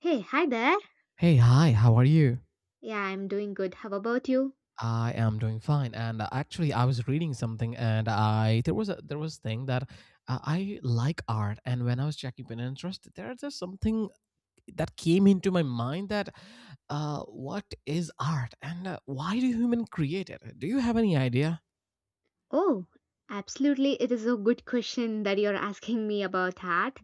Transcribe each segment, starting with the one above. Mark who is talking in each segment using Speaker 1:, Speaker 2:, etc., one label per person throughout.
Speaker 1: Hey, hi there.
Speaker 2: Hey, hi, how are you?
Speaker 1: Yeah, I'm doing good. How about you?
Speaker 2: I am doing fine. And actually, I was reading something, and I there was a there was thing that I like art, and when I was checking Pinterest, there's just something that came into my mind that what is art, and why do human create it? Do you have any idea?
Speaker 1: Oh, absolutely. It is a good question that you're asking me about art.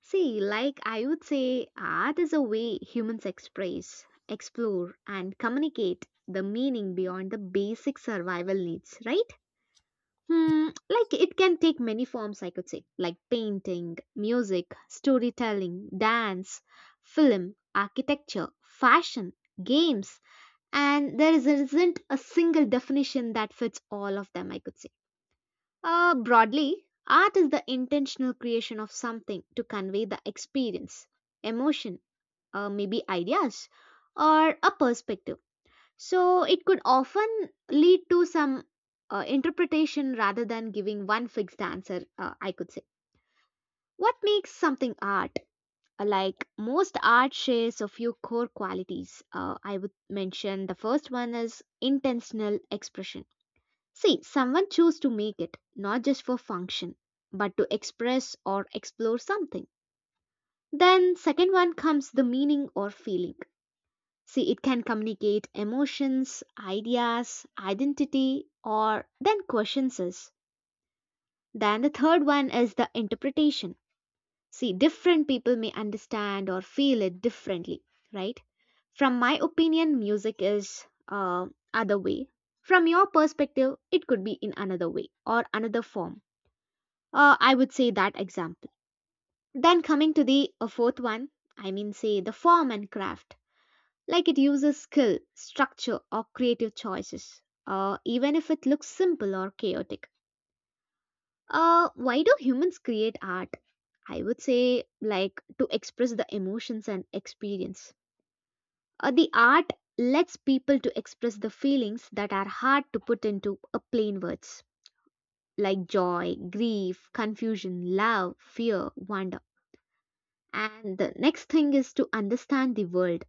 Speaker 1: See, like I would say, art is a way humans express, explore, and communicate the meaning beyond the basic survival needs, right? Hmm, like it can take many forms, I could say, like painting, music, storytelling, dance, film, architecture, fashion, games and isn't a single definition that fits all of them, I could say. Broadly, art is the intentional creation of something to convey the experience, emotion, maybe ideas, or a perspective. So it could often lead to some interpretation rather than giving one fixed answer, I could say. What makes something art? Like most art shares a few core qualities I would mention the first one is intentional expression. See, someone chose to make it not just for function but to express or explore something. Then second one comes the meaning or feeling. See, it can communicate emotions, ideas, identity or then questions us. Then the third one is the interpretation. See, different people may understand or feel it differently, right? From my opinion, music is other way. From your perspective, it could be in another way or another form. I would say that example. Then coming to the fourth one, I mean, say the form and craft. Like it uses skill, structure, or creative choices, even if it looks simple or chaotic. Why do humans create art? I would say, like, to express the emotions and experience. The art lets people to express the feelings that are hard to put into a plain words, like joy, grief, confusion, love, fear, wonder. And the next thing is to understand the world.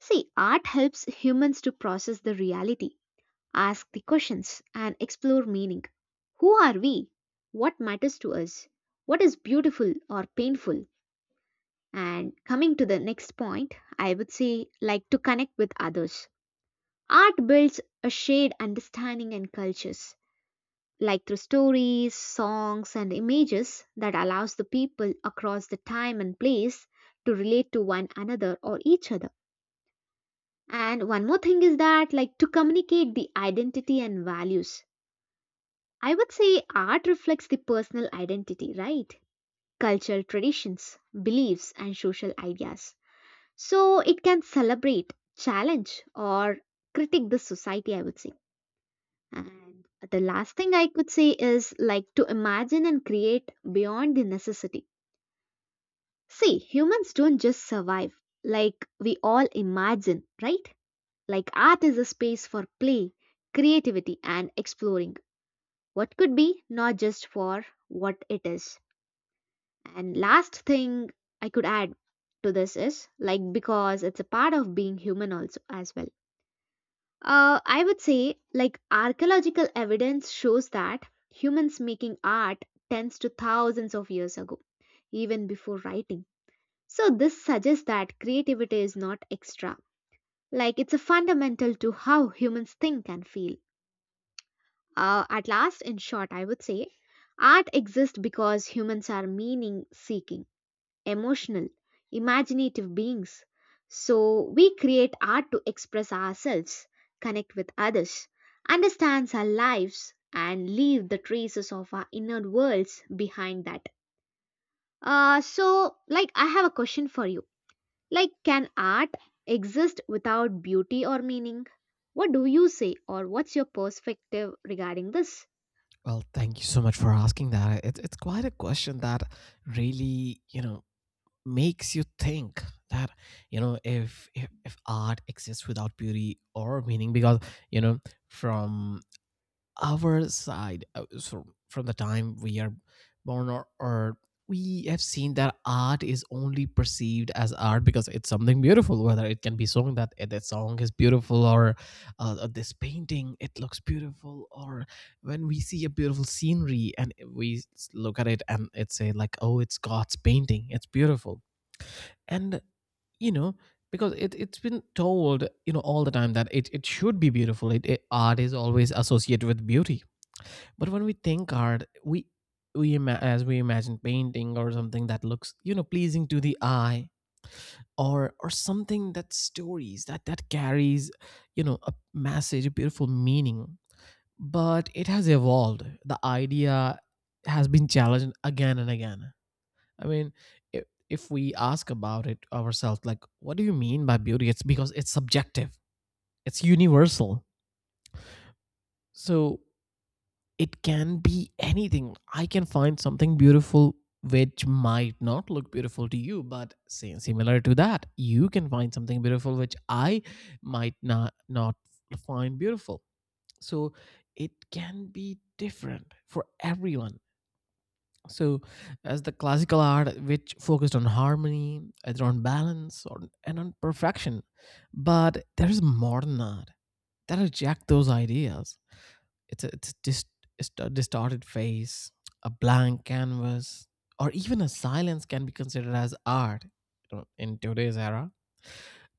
Speaker 1: See, art helps humans to process the reality. Ask the questions and explore meaning. Who are we? What matters to us? What is beautiful or painful? And coming to the next point, I would say like to connect with others. Art builds a shared understanding and cultures, like through stories, songs, and images that allows the people across the time and place to relate to one another or each other. And one more thing is that, like, to communicate the identity and values. I would say art reflects the personal identity, right? Cultural traditions, beliefs, and social ideas. So it can celebrate, challenge, or critique the society, I would say. And the last thing I could say is like to imagine and create beyond the necessity. See, humans don't just survive, like we all imagine, right? Like art is a space for play, creativity, and exploring what could be, not just for what it is. And last thing I could add to this is like because it's a part of being human also as well. I would say like archaeological evidence shows that humans making art tends to thousands of years ago, even before writing. So this suggests that creativity is not extra. Like it's a fundamental to how humans think and feel. At last, in short, I would say art exists because humans are meaning seeking, emotional, imaginative beings. So we create art to express ourselves, connect with others, understand our lives, and leave the traces of our inner worlds behind that. So, like, I have a question for you. Like, can art exist without beauty or meaning? What do you say, or what's your perspective regarding this?
Speaker 2: Well, thank you so much for asking that. It's quite a question that really makes you think that if art exists without beauty or meaning, because you know from our side. So from the time we are born, or we have seen that art is only perceived as art because it's something beautiful, whether it can be sung that, that song is beautiful, or this painting, it looks beautiful, or when we see a beautiful scenery and we look at it and it say, like, oh, it's God's painting, it's beautiful. And you know because it's been told all the time that it should be beautiful. Art is always associated with beauty. But when we think art, we as we imagine painting or something that looks pleasing to the eye, or something that stories that carries a message, a beautiful meaning. But it has evolved. The idea has been challenged again and again. I mean, if we ask about it ourselves, like, what do you mean by beauty? It's because it's subjective, it's universal. So it can be anything. I can find something beautiful which might not look beautiful to you, but same, similar to that, you can find something beautiful which I might not find beautiful. So it can be different for everyone. So, as the classical art, which focused on harmony, either on balance or and on perfection, but there is modern art that reject those ideas. It's just a distorted face, a blank canvas, or even a silence can be considered as art, in today's era.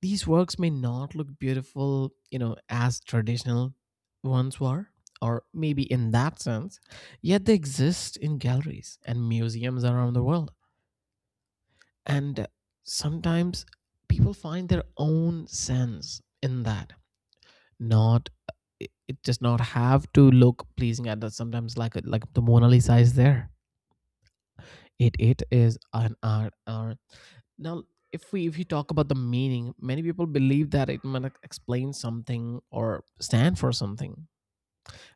Speaker 2: These works may not look beautiful, as traditional ones were, or maybe in that sense, yet they exist in galleries and museums around the world. And sometimes people find their own sense in that, not it does not have to look pleasing at that. Sometimes, like the Mona Lisa is there, it is an art. Or now, if you talk about the meaning, many people believe that it might explain something or stand for something,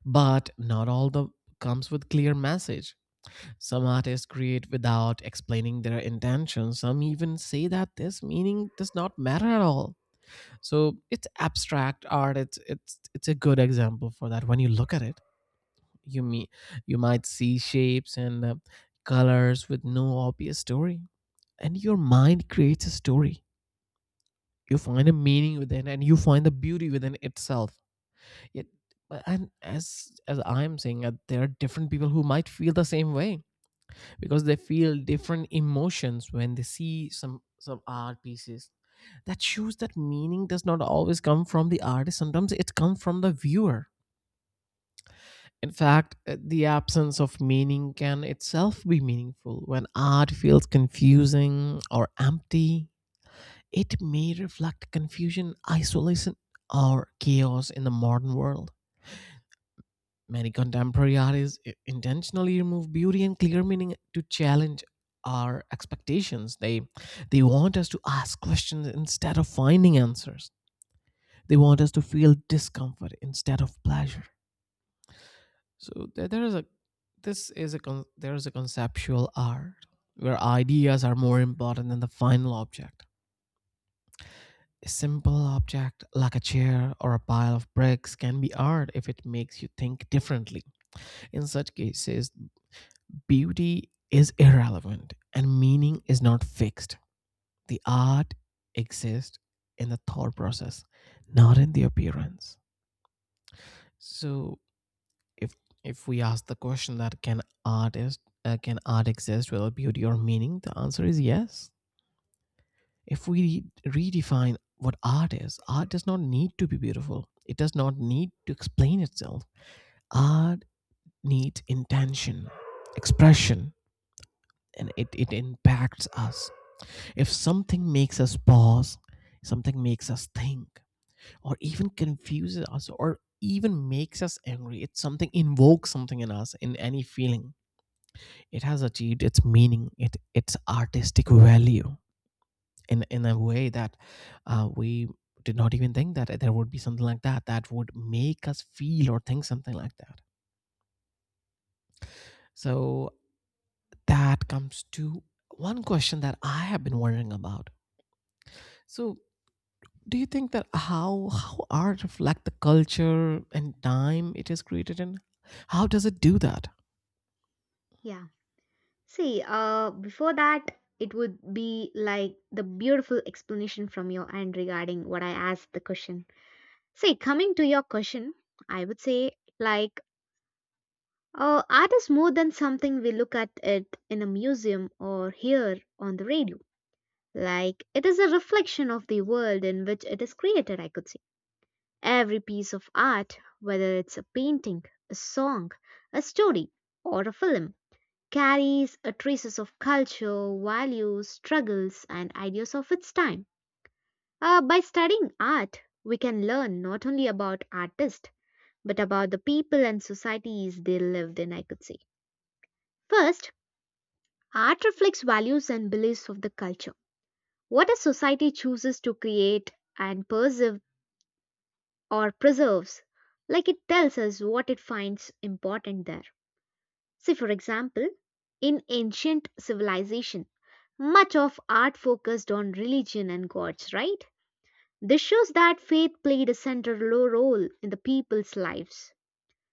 Speaker 2: but not all the comes with clear message. Some artists create without explaining their intention. Some even say that this meaning does not matter at all. So it's abstract art. It's a good example for that. When you look at it, you me you might see shapes and colors with no obvious story, and your mind creates a story. You find a meaning within, and you find the beauty within itself. Yet- and, as I'm saying, there are different people who might feel the same way, because they feel different emotions when they see some art pieces. That shows that meaning does not always come from the artist. Sometimes it comes from the viewer. In fact, the absence of meaning can itself be meaningful. When art feels confusing or empty, it may reflect confusion, isolation, or chaos in the modern world. Many contemporary artists intentionally remove beauty and clear meaning to challenge our expectations. They want us to ask questions instead of finding answers. They want us to feel discomfort instead of pleasure. So there is a conceptual art where ideas are more important than the final object. A simple object like a chair or a pile of bricks can be art if it makes you think differently. In such cases, beauty is irrelevant and meaning is not fixed. The art exists in the thought process, not in the appearance. So, if if we ask the question that can art exist without beauty or meaning, the answer is yes. If we redefine what art is, art does not need to be beautiful. It does not need to explain itself. Art needs intention, expression, and it impacts us. If something makes us pause, something makes us think, or even confuses us, or even makes us angry, it's something, invokes something in us, in any feeling. It has achieved its meaning, it its artistic value. In a way that, we did not even think that there would be something like that, that would make us feel or think something like that. So that comes to one question that I have been wondering about. So, do you think that how art reflect the culture and time it is created in? How does it do that?
Speaker 1: Yeah. See, before that, it would be like the beautiful explanation from your end regarding what I asked the question. See, coming to your question, I would say like, art is more than something we look at it in a museum or hear on the radio. Like, it is a reflection of the world in which it is created, I could say. Every piece of art, whether it's a painting, a song, a story, or a film, carries a traces of culture, values, struggles, and ideas of its time. By studying art, we can learn not only about artists but about the people and societies they lived in, I could say. First, art reflects values and beliefs of the culture. What a society chooses to create and preserve or preserves, like it tells us what it finds important there. See, for example, in ancient civilization, much of art focused on religion and gods, right? This shows that faith played a central role in the people's lives.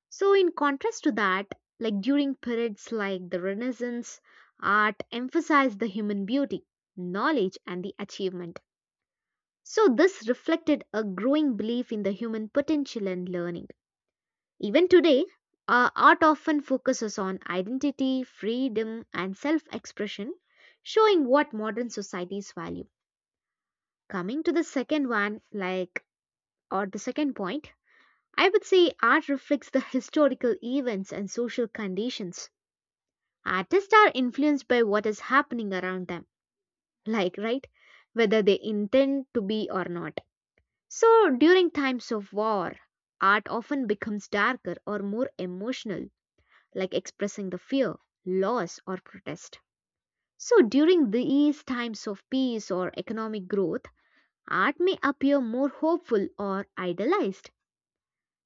Speaker 1: So, in contrast to that, like during periods like the Renaissance, art emphasized the human beauty, knowledge, and the achievement. So, this reflected a growing belief in the human potential and learning. Even today, art often focuses on identity, freedom, and self expression, showing what modern societies value. Coming to the second one, like, or the second point, I would say art reflects the historical events and social conditions. Artists are influenced by what is happening around them, like, right, whether they intend to be or not. So, during times of war, art often becomes darker or more emotional like expressing the fear, loss, or protest. So, during these times of peace or economic growth, art may appear more hopeful or idealized.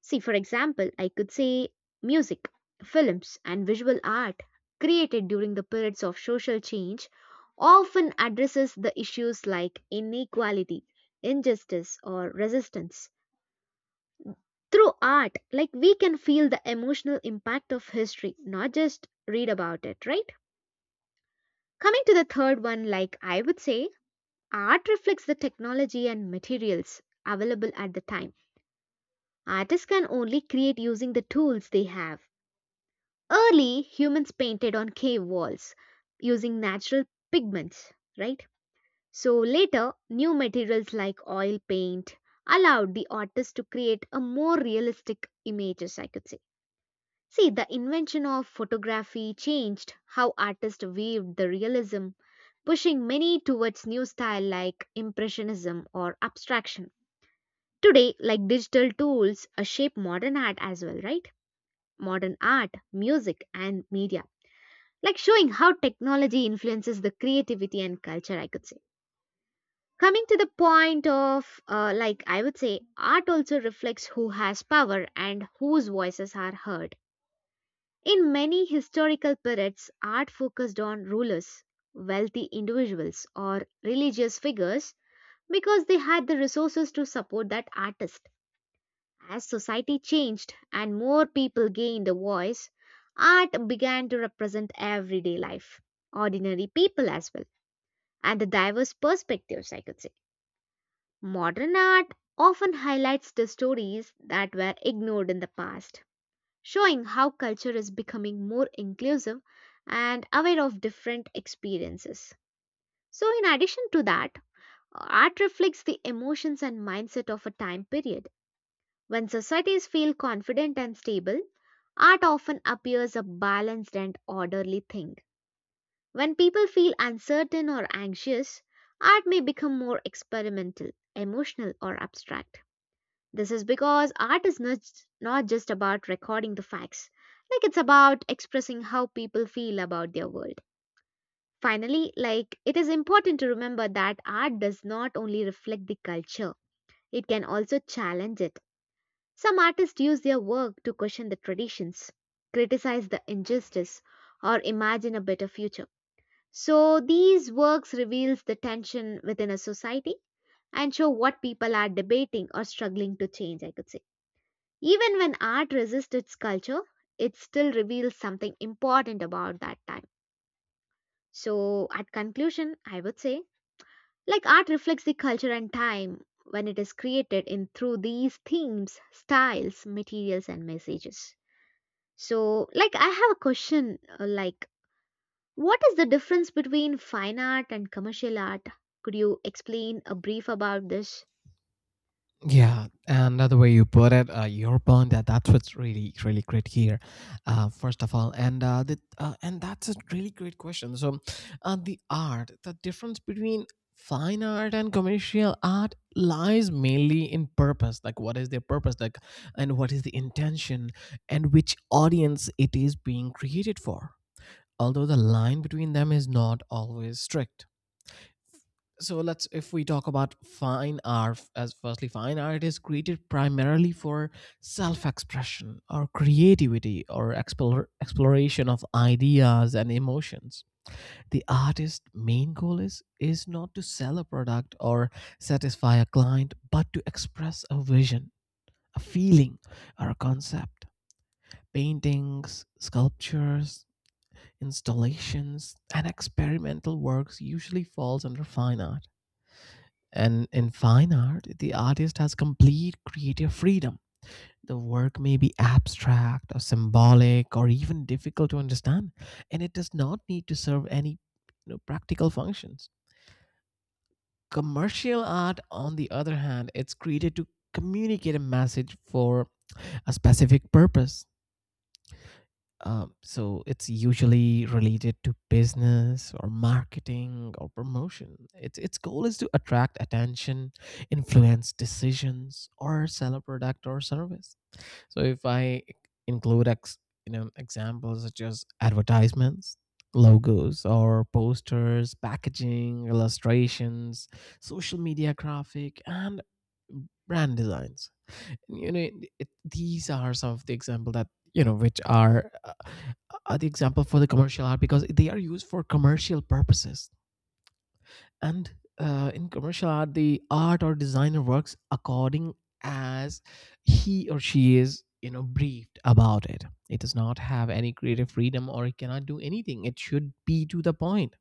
Speaker 1: See, for example, I could say music, films, and visual art created during the periods of social change often addresses the issues like inequality, injustice, or resistance. Through art, like we can feel the emotional impact of history, not just read about it, right? Coming to the third one, like I would say, art reflects the technology and materials available at the time. Artists can only create using the tools they have. Early humans painted on cave walls using natural pigments, right? So later, new materials like oil paint allowed the artist to create a more realistic images, I could say. See, the invention of photography changed how artists viewed the realism, pushing many towards new style like impressionism or abstraction. Today, like digital tools, shape modern art as well, right? Modern art, music, and media. Like showing how technology influences the creativity and culture, I could say. Coming to the point of, like, I would say, art also reflects who has power and whose voices are heard. In many historical periods, art focused on rulers, wealthy individuals, or religious figures because they had the resources to support that artist. As society changed and more people gained a voice, art began to represent everyday life, ordinary people as well, and the diverse perspectives, I could say. Modern art often highlights the stories that were ignored in the past showing how culture is becoming more inclusive and aware of different experiences. So, in addition to that, art reflects the emotions and mindset of a time period. When societies feel confident and stable, art often appears a balanced and orderly thing. When people feel uncertain or anxious, art may become more experimental, emotional, or abstract. This is because art is not, not just about recording the facts, like it's about expressing how people feel about their world. Finally, like it is important to remember that art does not only reflect the culture, it can also challenge it. Some artists use their work to question the traditions, criticize the injustice, or imagine a better future. So these works reveals the tension within a society and show what people are debating or struggling to change, I could say. Even when art resists its culture, it still reveals something important about that time. So, at conclusion, I would say like art reflects the culture and time when it is created in through these themes, styles, materials and messages. So, like I have a question like what is the difference between fine art and commercial art? Could you explain a brief about this?
Speaker 2: Yeah, another way you put it, your point, that's what's really really great here. First of all, and the, and that's a really great question. So, the difference between fine art and commercial art lies mainly in purpose. Like, what is their purpose? Like, and what is the intention, and which audience it is being created for. Although the line between them is not always strict, so let's, if we talk about fine art, as firstly, fine art is created primarily for self-expression or creativity, or exploration of ideas and emotions. The artist's main goal is not to sell a product or satisfy a client, but to express a vision, a feeling, or a concept. Paintings, sculptures, installations and experimental works usually falls under fine art. And in fine art, the artist has complete creative freedom. The work may be abstract or symbolic or even difficult to understand, and it does not need to serve any, practical functions. Commercial art, on the other hand, it's created to communicate a message for a specific purpose. So it's usually related to business or marketing or promotion. Its goal is to attract attention, influence decisions, or sell a product or service. So if I include ex, you know examples such as advertisements, logos or posters, packaging, illustrations, social media graphic, and brand designs. you know these are some of the example that, which are the example for the commercial art, because they are used for commercial purposes. And in commercial art, the art or designer works according as he or she is briefed about it. It does not have any creative freedom, or it cannot do anything. It should be to the point.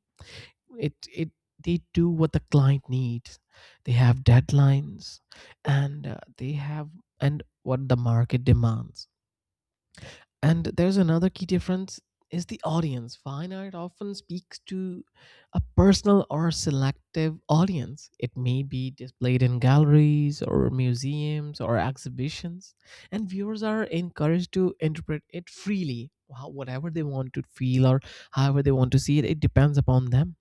Speaker 2: It it they do what the client needs. They have deadlines, and they have and what the market demands. And there's another key difference, is the audience. Fine art often speaks to a personal or selective audience. It may be displayed in galleries or museums or exhibitions, and viewers are encouraged to interpret it freely, whatever they want to feel, or however they want to see it. It depends upon them.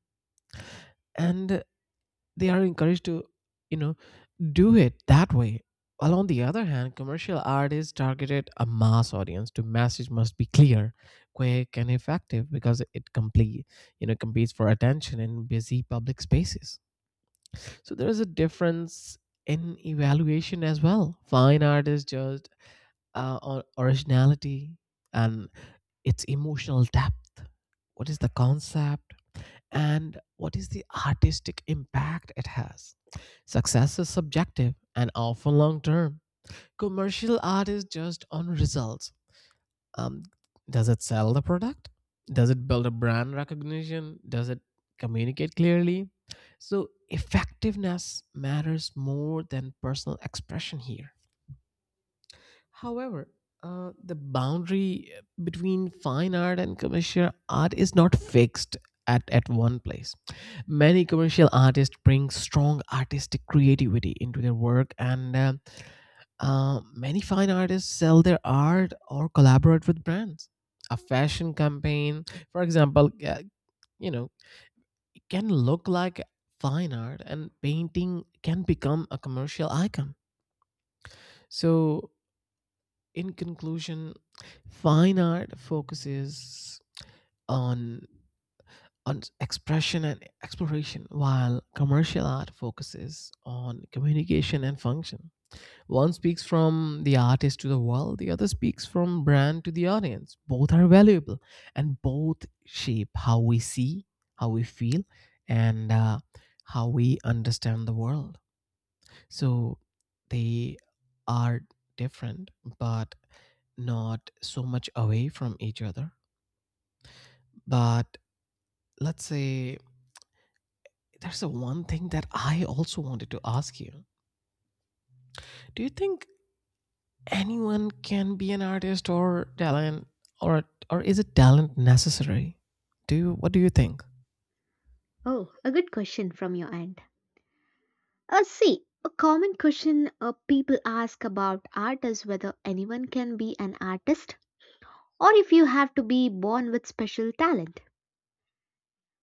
Speaker 2: And they are encouraged to, you know do it that way. While on the other hand, commercial art is targeted a mass audience. The message must be clear, quick, and effective, because it complete you know competes for attention in busy public spaces. So there is a difference in evaluation as well. Fine art is just, originality and its emotional depth, what is the concept, and what is the artistic impact it has. Success is subjective and often long term. Commercial art is just on results. Um, does it sell the product? Does it build a brand recognition? Does it communicate clearly? So, effectiveness matters more than personal expression here. However, the boundary between fine art and commercial art is not fixed at one place. Many commercial artists bring strong artistic creativity into their work, and many fine artists sell their art or collaborate with brands. A fashion campaign, for example, you know, can look like fine art, and painting can become a commercial icon. So, in conclusion, fine art focuses on on expression and exploration, while commercial art focuses on communication and function. One speaks from the artist to the world, the other speaks from brand to the audience. Both are valuable, and both shape how we see, how we feel, and how we understand the world. So they are different, but not so much away from each other. But let's say there's a one thing that I also wanted to ask you. Do you think anyone can be an artist or talent or or is it talent necessary? Do you What do you think?
Speaker 1: Oh, a good question from your end. See, a common question people ask about art is whether anyone can be an artist or if you have to be born with special talent.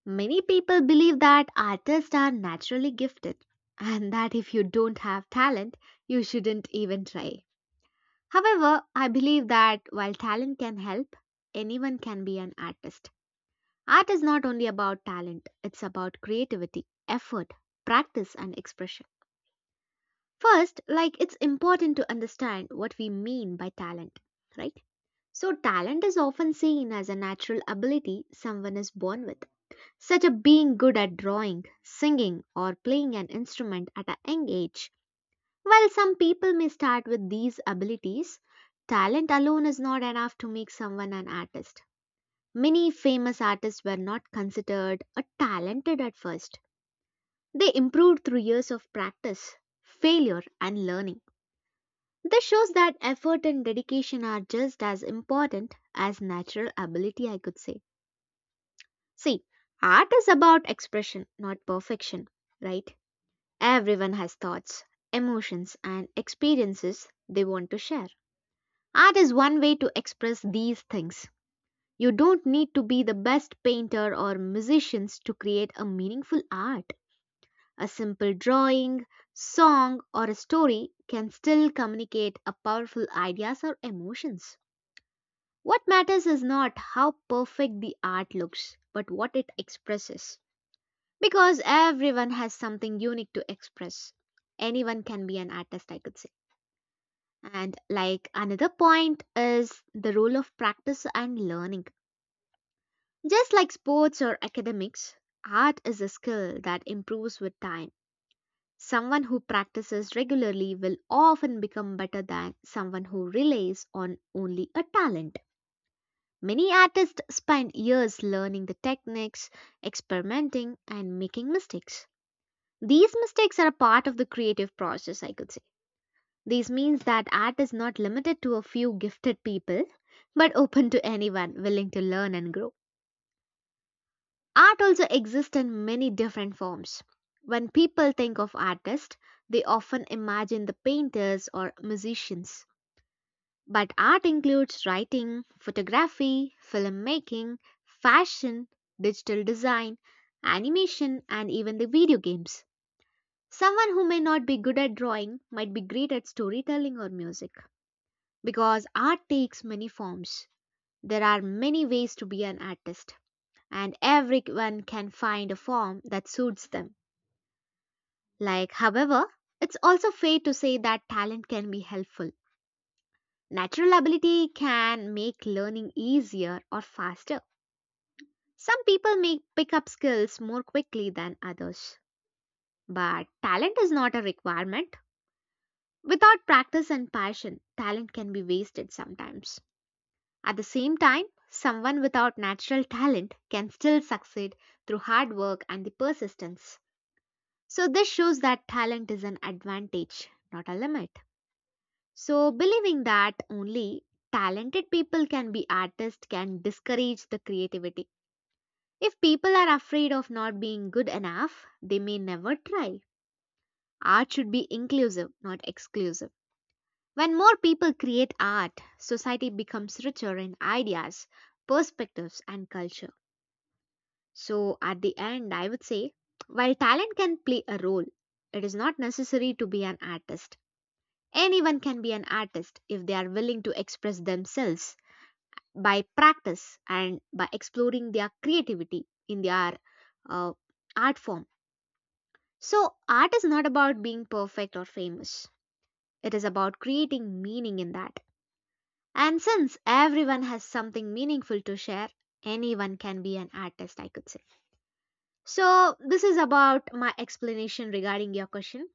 Speaker 1: Many people believe that artists are naturally gifted and that if you don't have talent, you shouldn't even try. However, I believe that while talent can help, anyone can be an artist. Art is not only about talent, it's about creativity, effort, practice, and expression. First, like it's important to understand what we mean by talent, right? So, talent is often seen as a natural ability someone is born with, such as being good at drawing, singing, or playing an instrument at a young age. While some people may start with these abilities, talent alone is not enough to make someone an artist. Many famous artists were not considered a talented at first. They improved through years of practice, failure, and learning. This shows that effort and dedication are just as important as natural ability, I could say. See, art is about expression, not perfection, right? Everyone has thoughts, emotions, and experiences they want to share. Art is one way to express these things. You don't need to be the best painter or musicians to create a meaningful art. A simple drawing, song, or a story can still communicate a powerful ideas or emotions. What matters is not how perfect the art looks, but what it expresses. Because everyone has something unique to express. Anyone can be an artist, I could say. And like another point is the role of practice and learning. Just like sports or academics, art is a skill that improves with time. Someone who practices regularly will often become better than someone who relies on only a talent. Many artists spend years learning the techniques, experimenting, and making mistakes. These mistakes are a part of the creative process, I could say. This means that art is not limited to a few gifted people, but open to anyone willing to learn and grow. Art also exists in many different forms. When people think of artists, they often imagine the painters or musicians. But art includes writing, photography, filmmaking, fashion, digital design, animation, and even the video games. Someone who may not be good at drawing might be great at storytelling or music because art takes many forms. There are many ways to be an artist, and everyone can find a form that suits them. Like, however, it's also fair to say that talent can be helpful. Natural ability can make learning easier or faster. Some people may pick up skills more quickly than others. But talent is not a requirement. Without practice and passion, talent can be wasted sometimes. At the same time, someone without natural talent can still succeed through hard work and the persistence. So, this shows that talent is an advantage, not a limit. So, believing that only talented people can be artists can discourage the creativity. If people are afraid of not being good enough, they may never try. Art should be inclusive, not exclusive. When more people create art, society becomes richer in ideas, perspectives, and culture. So, at the end, I would say while talent can play a role, it is not necessary to be an artist. Anyone can be an artist if they are willing to express themselves by practice and by exploring their creativity in their uh, art form. So, art is not about being perfect or famous, it is about creating meaning in that. And since everyone has something meaningful to share, anyone can be an artist, I could say. So, this is about my explanation regarding your question.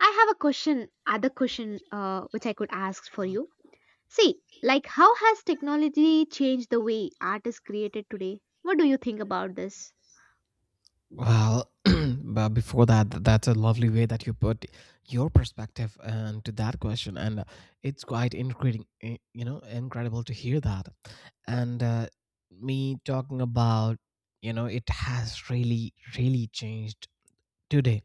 Speaker 1: I have a question, other question, which I could ask for you. See, like how has technology changed the way art is created today? What do you think about this?
Speaker 2: Well, but before that, that's a lovely way that you put your perspective and to that question, and it's quite incredible, you know, incredible to hear that. And me talking about, you know, it has really, really changed today,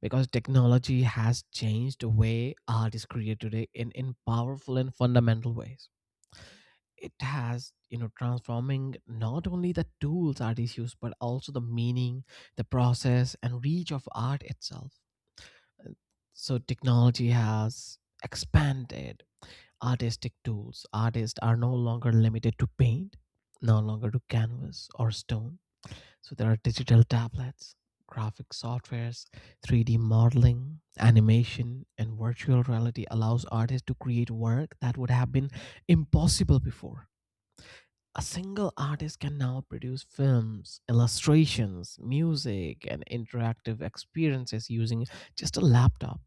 Speaker 2: because technology has changed the way art is created today in powerful and fundamental ways. It has, you know, transforming not only the tools artists use but also the meaning, the process, and reach of art itself. Uh, so technology has expanded artistic tools. Artists are no longer limited to paint, no longer to canvas or stone. So there are digital tablets, graphic softwares, 3D modeling, animation, and virtual reality allows artists to create work that would have been impossible before. A single artist can now produce films, illustrations, music, and interactive experiences using just a laptop.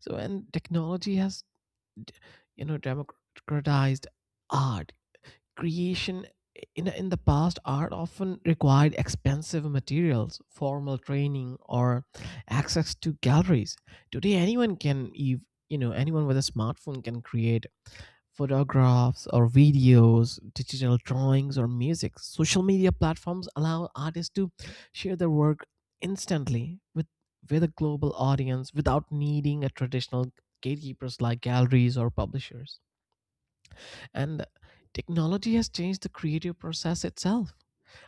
Speaker 2: So, and technology has, you know, democratized art creation. In the past, art often required expensive materials, formal training, or access to galleries. Today anyone can you know, anyone with a smartphone can create photographs or videos, digital drawings, or music. Social media platforms allow artists to share their work instantly with a global audience without needing a traditional gatekeepers like galleries or publishers. And technology has changed the creative process itself.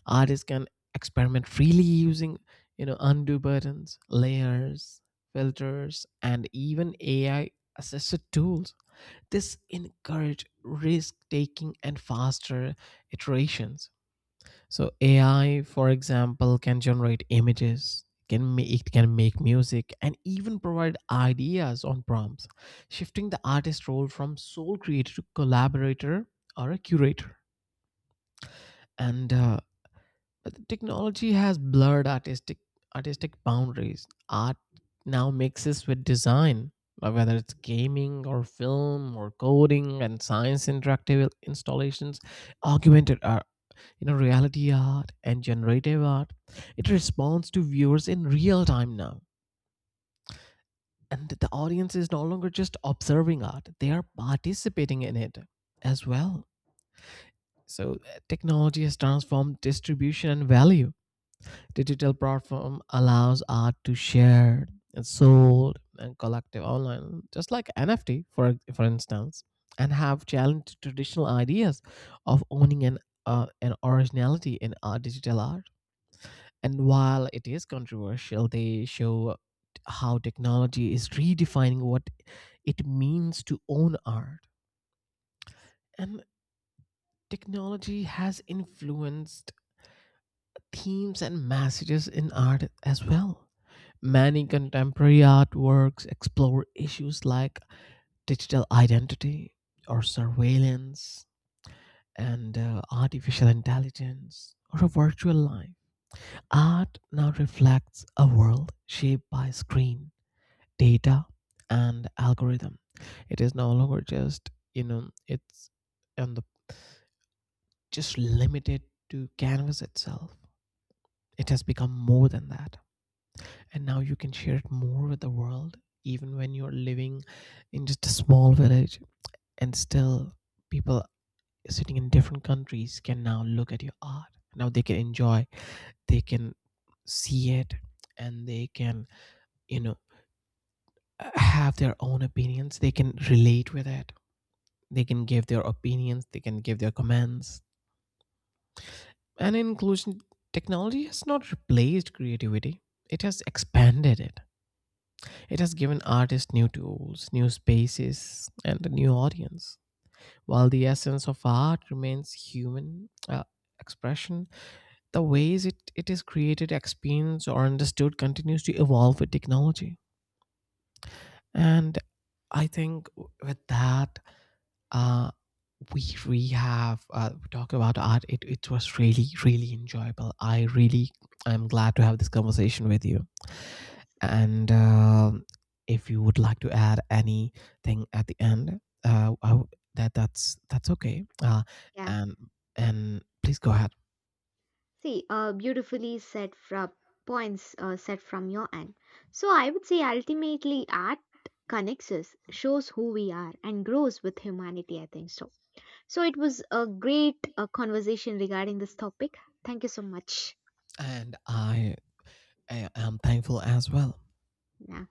Speaker 2: Artists can experiment freely using, you know, undo buttons, layers, filters, and even ai assisted tools. This encourage risk taking and faster iterations. So AI, for example, can generate images, can it can make music, and even provide ideas on prompts, shifting the artist role from sole creator to collaborator or a curator. And but the technology has blurred artistic boundaries. Art now mixes with design, whether it's gaming or film or coding and science. Interactive installations, augmented are, you know, reality art and generative art, it responds to viewers in real time now. And the audience is no longer just observing art, they are participating in it as well. So technology has transformed distribution and value. Digital platform allows art to share and sold and collective online, just like nft, for instance, and have challenged traditional ideas of owning an originality in art, digital art. And while it is controversial, they show how technology is redefining what it means to own art. And technology has influenced themes and messages in art as well. Many contemporary artworks explore issues like digital identity or surveillance, and artificial intelligence or a virtual life. Art now reflects a world shaped by screen, data, and algorithm. It is no longer just, you know, it's on the, just limited to canvas itself. It has become more than that, and now you can share it more with the world, even when you're living in just a small village. And still, people sitting in different countries can now look at your art. Now they can enjoy, they can see it, and they can, you know, have their own opinions, they can relate with it. They can give their opinions, they can give their comments. And in conclusion, technology has not replaced creativity, it has expanded it. It has given artists new tools, new spaces, and a new audience. While the essence of art remains human expression, the ways it is created, experienced, or understood continues to evolve with technology. And I think with that, uh, we have talked about art. It was really really enjoyable. I really, I'm glad to have this conversation with you.
Speaker 1: Yes,
Speaker 2: And if you would like to add anything at the end, that's okay.
Speaker 1: yeah.
Speaker 2: And and please go ahead.
Speaker 1: See, beautifully said from points set from your end. So I would say ultimately art connects us, shows who we are, and grows with humanity. I think so. So it was a great conversation regarding this topic. Thank you so much.
Speaker 2: And I am thankful as well.
Speaker 1: Yeah.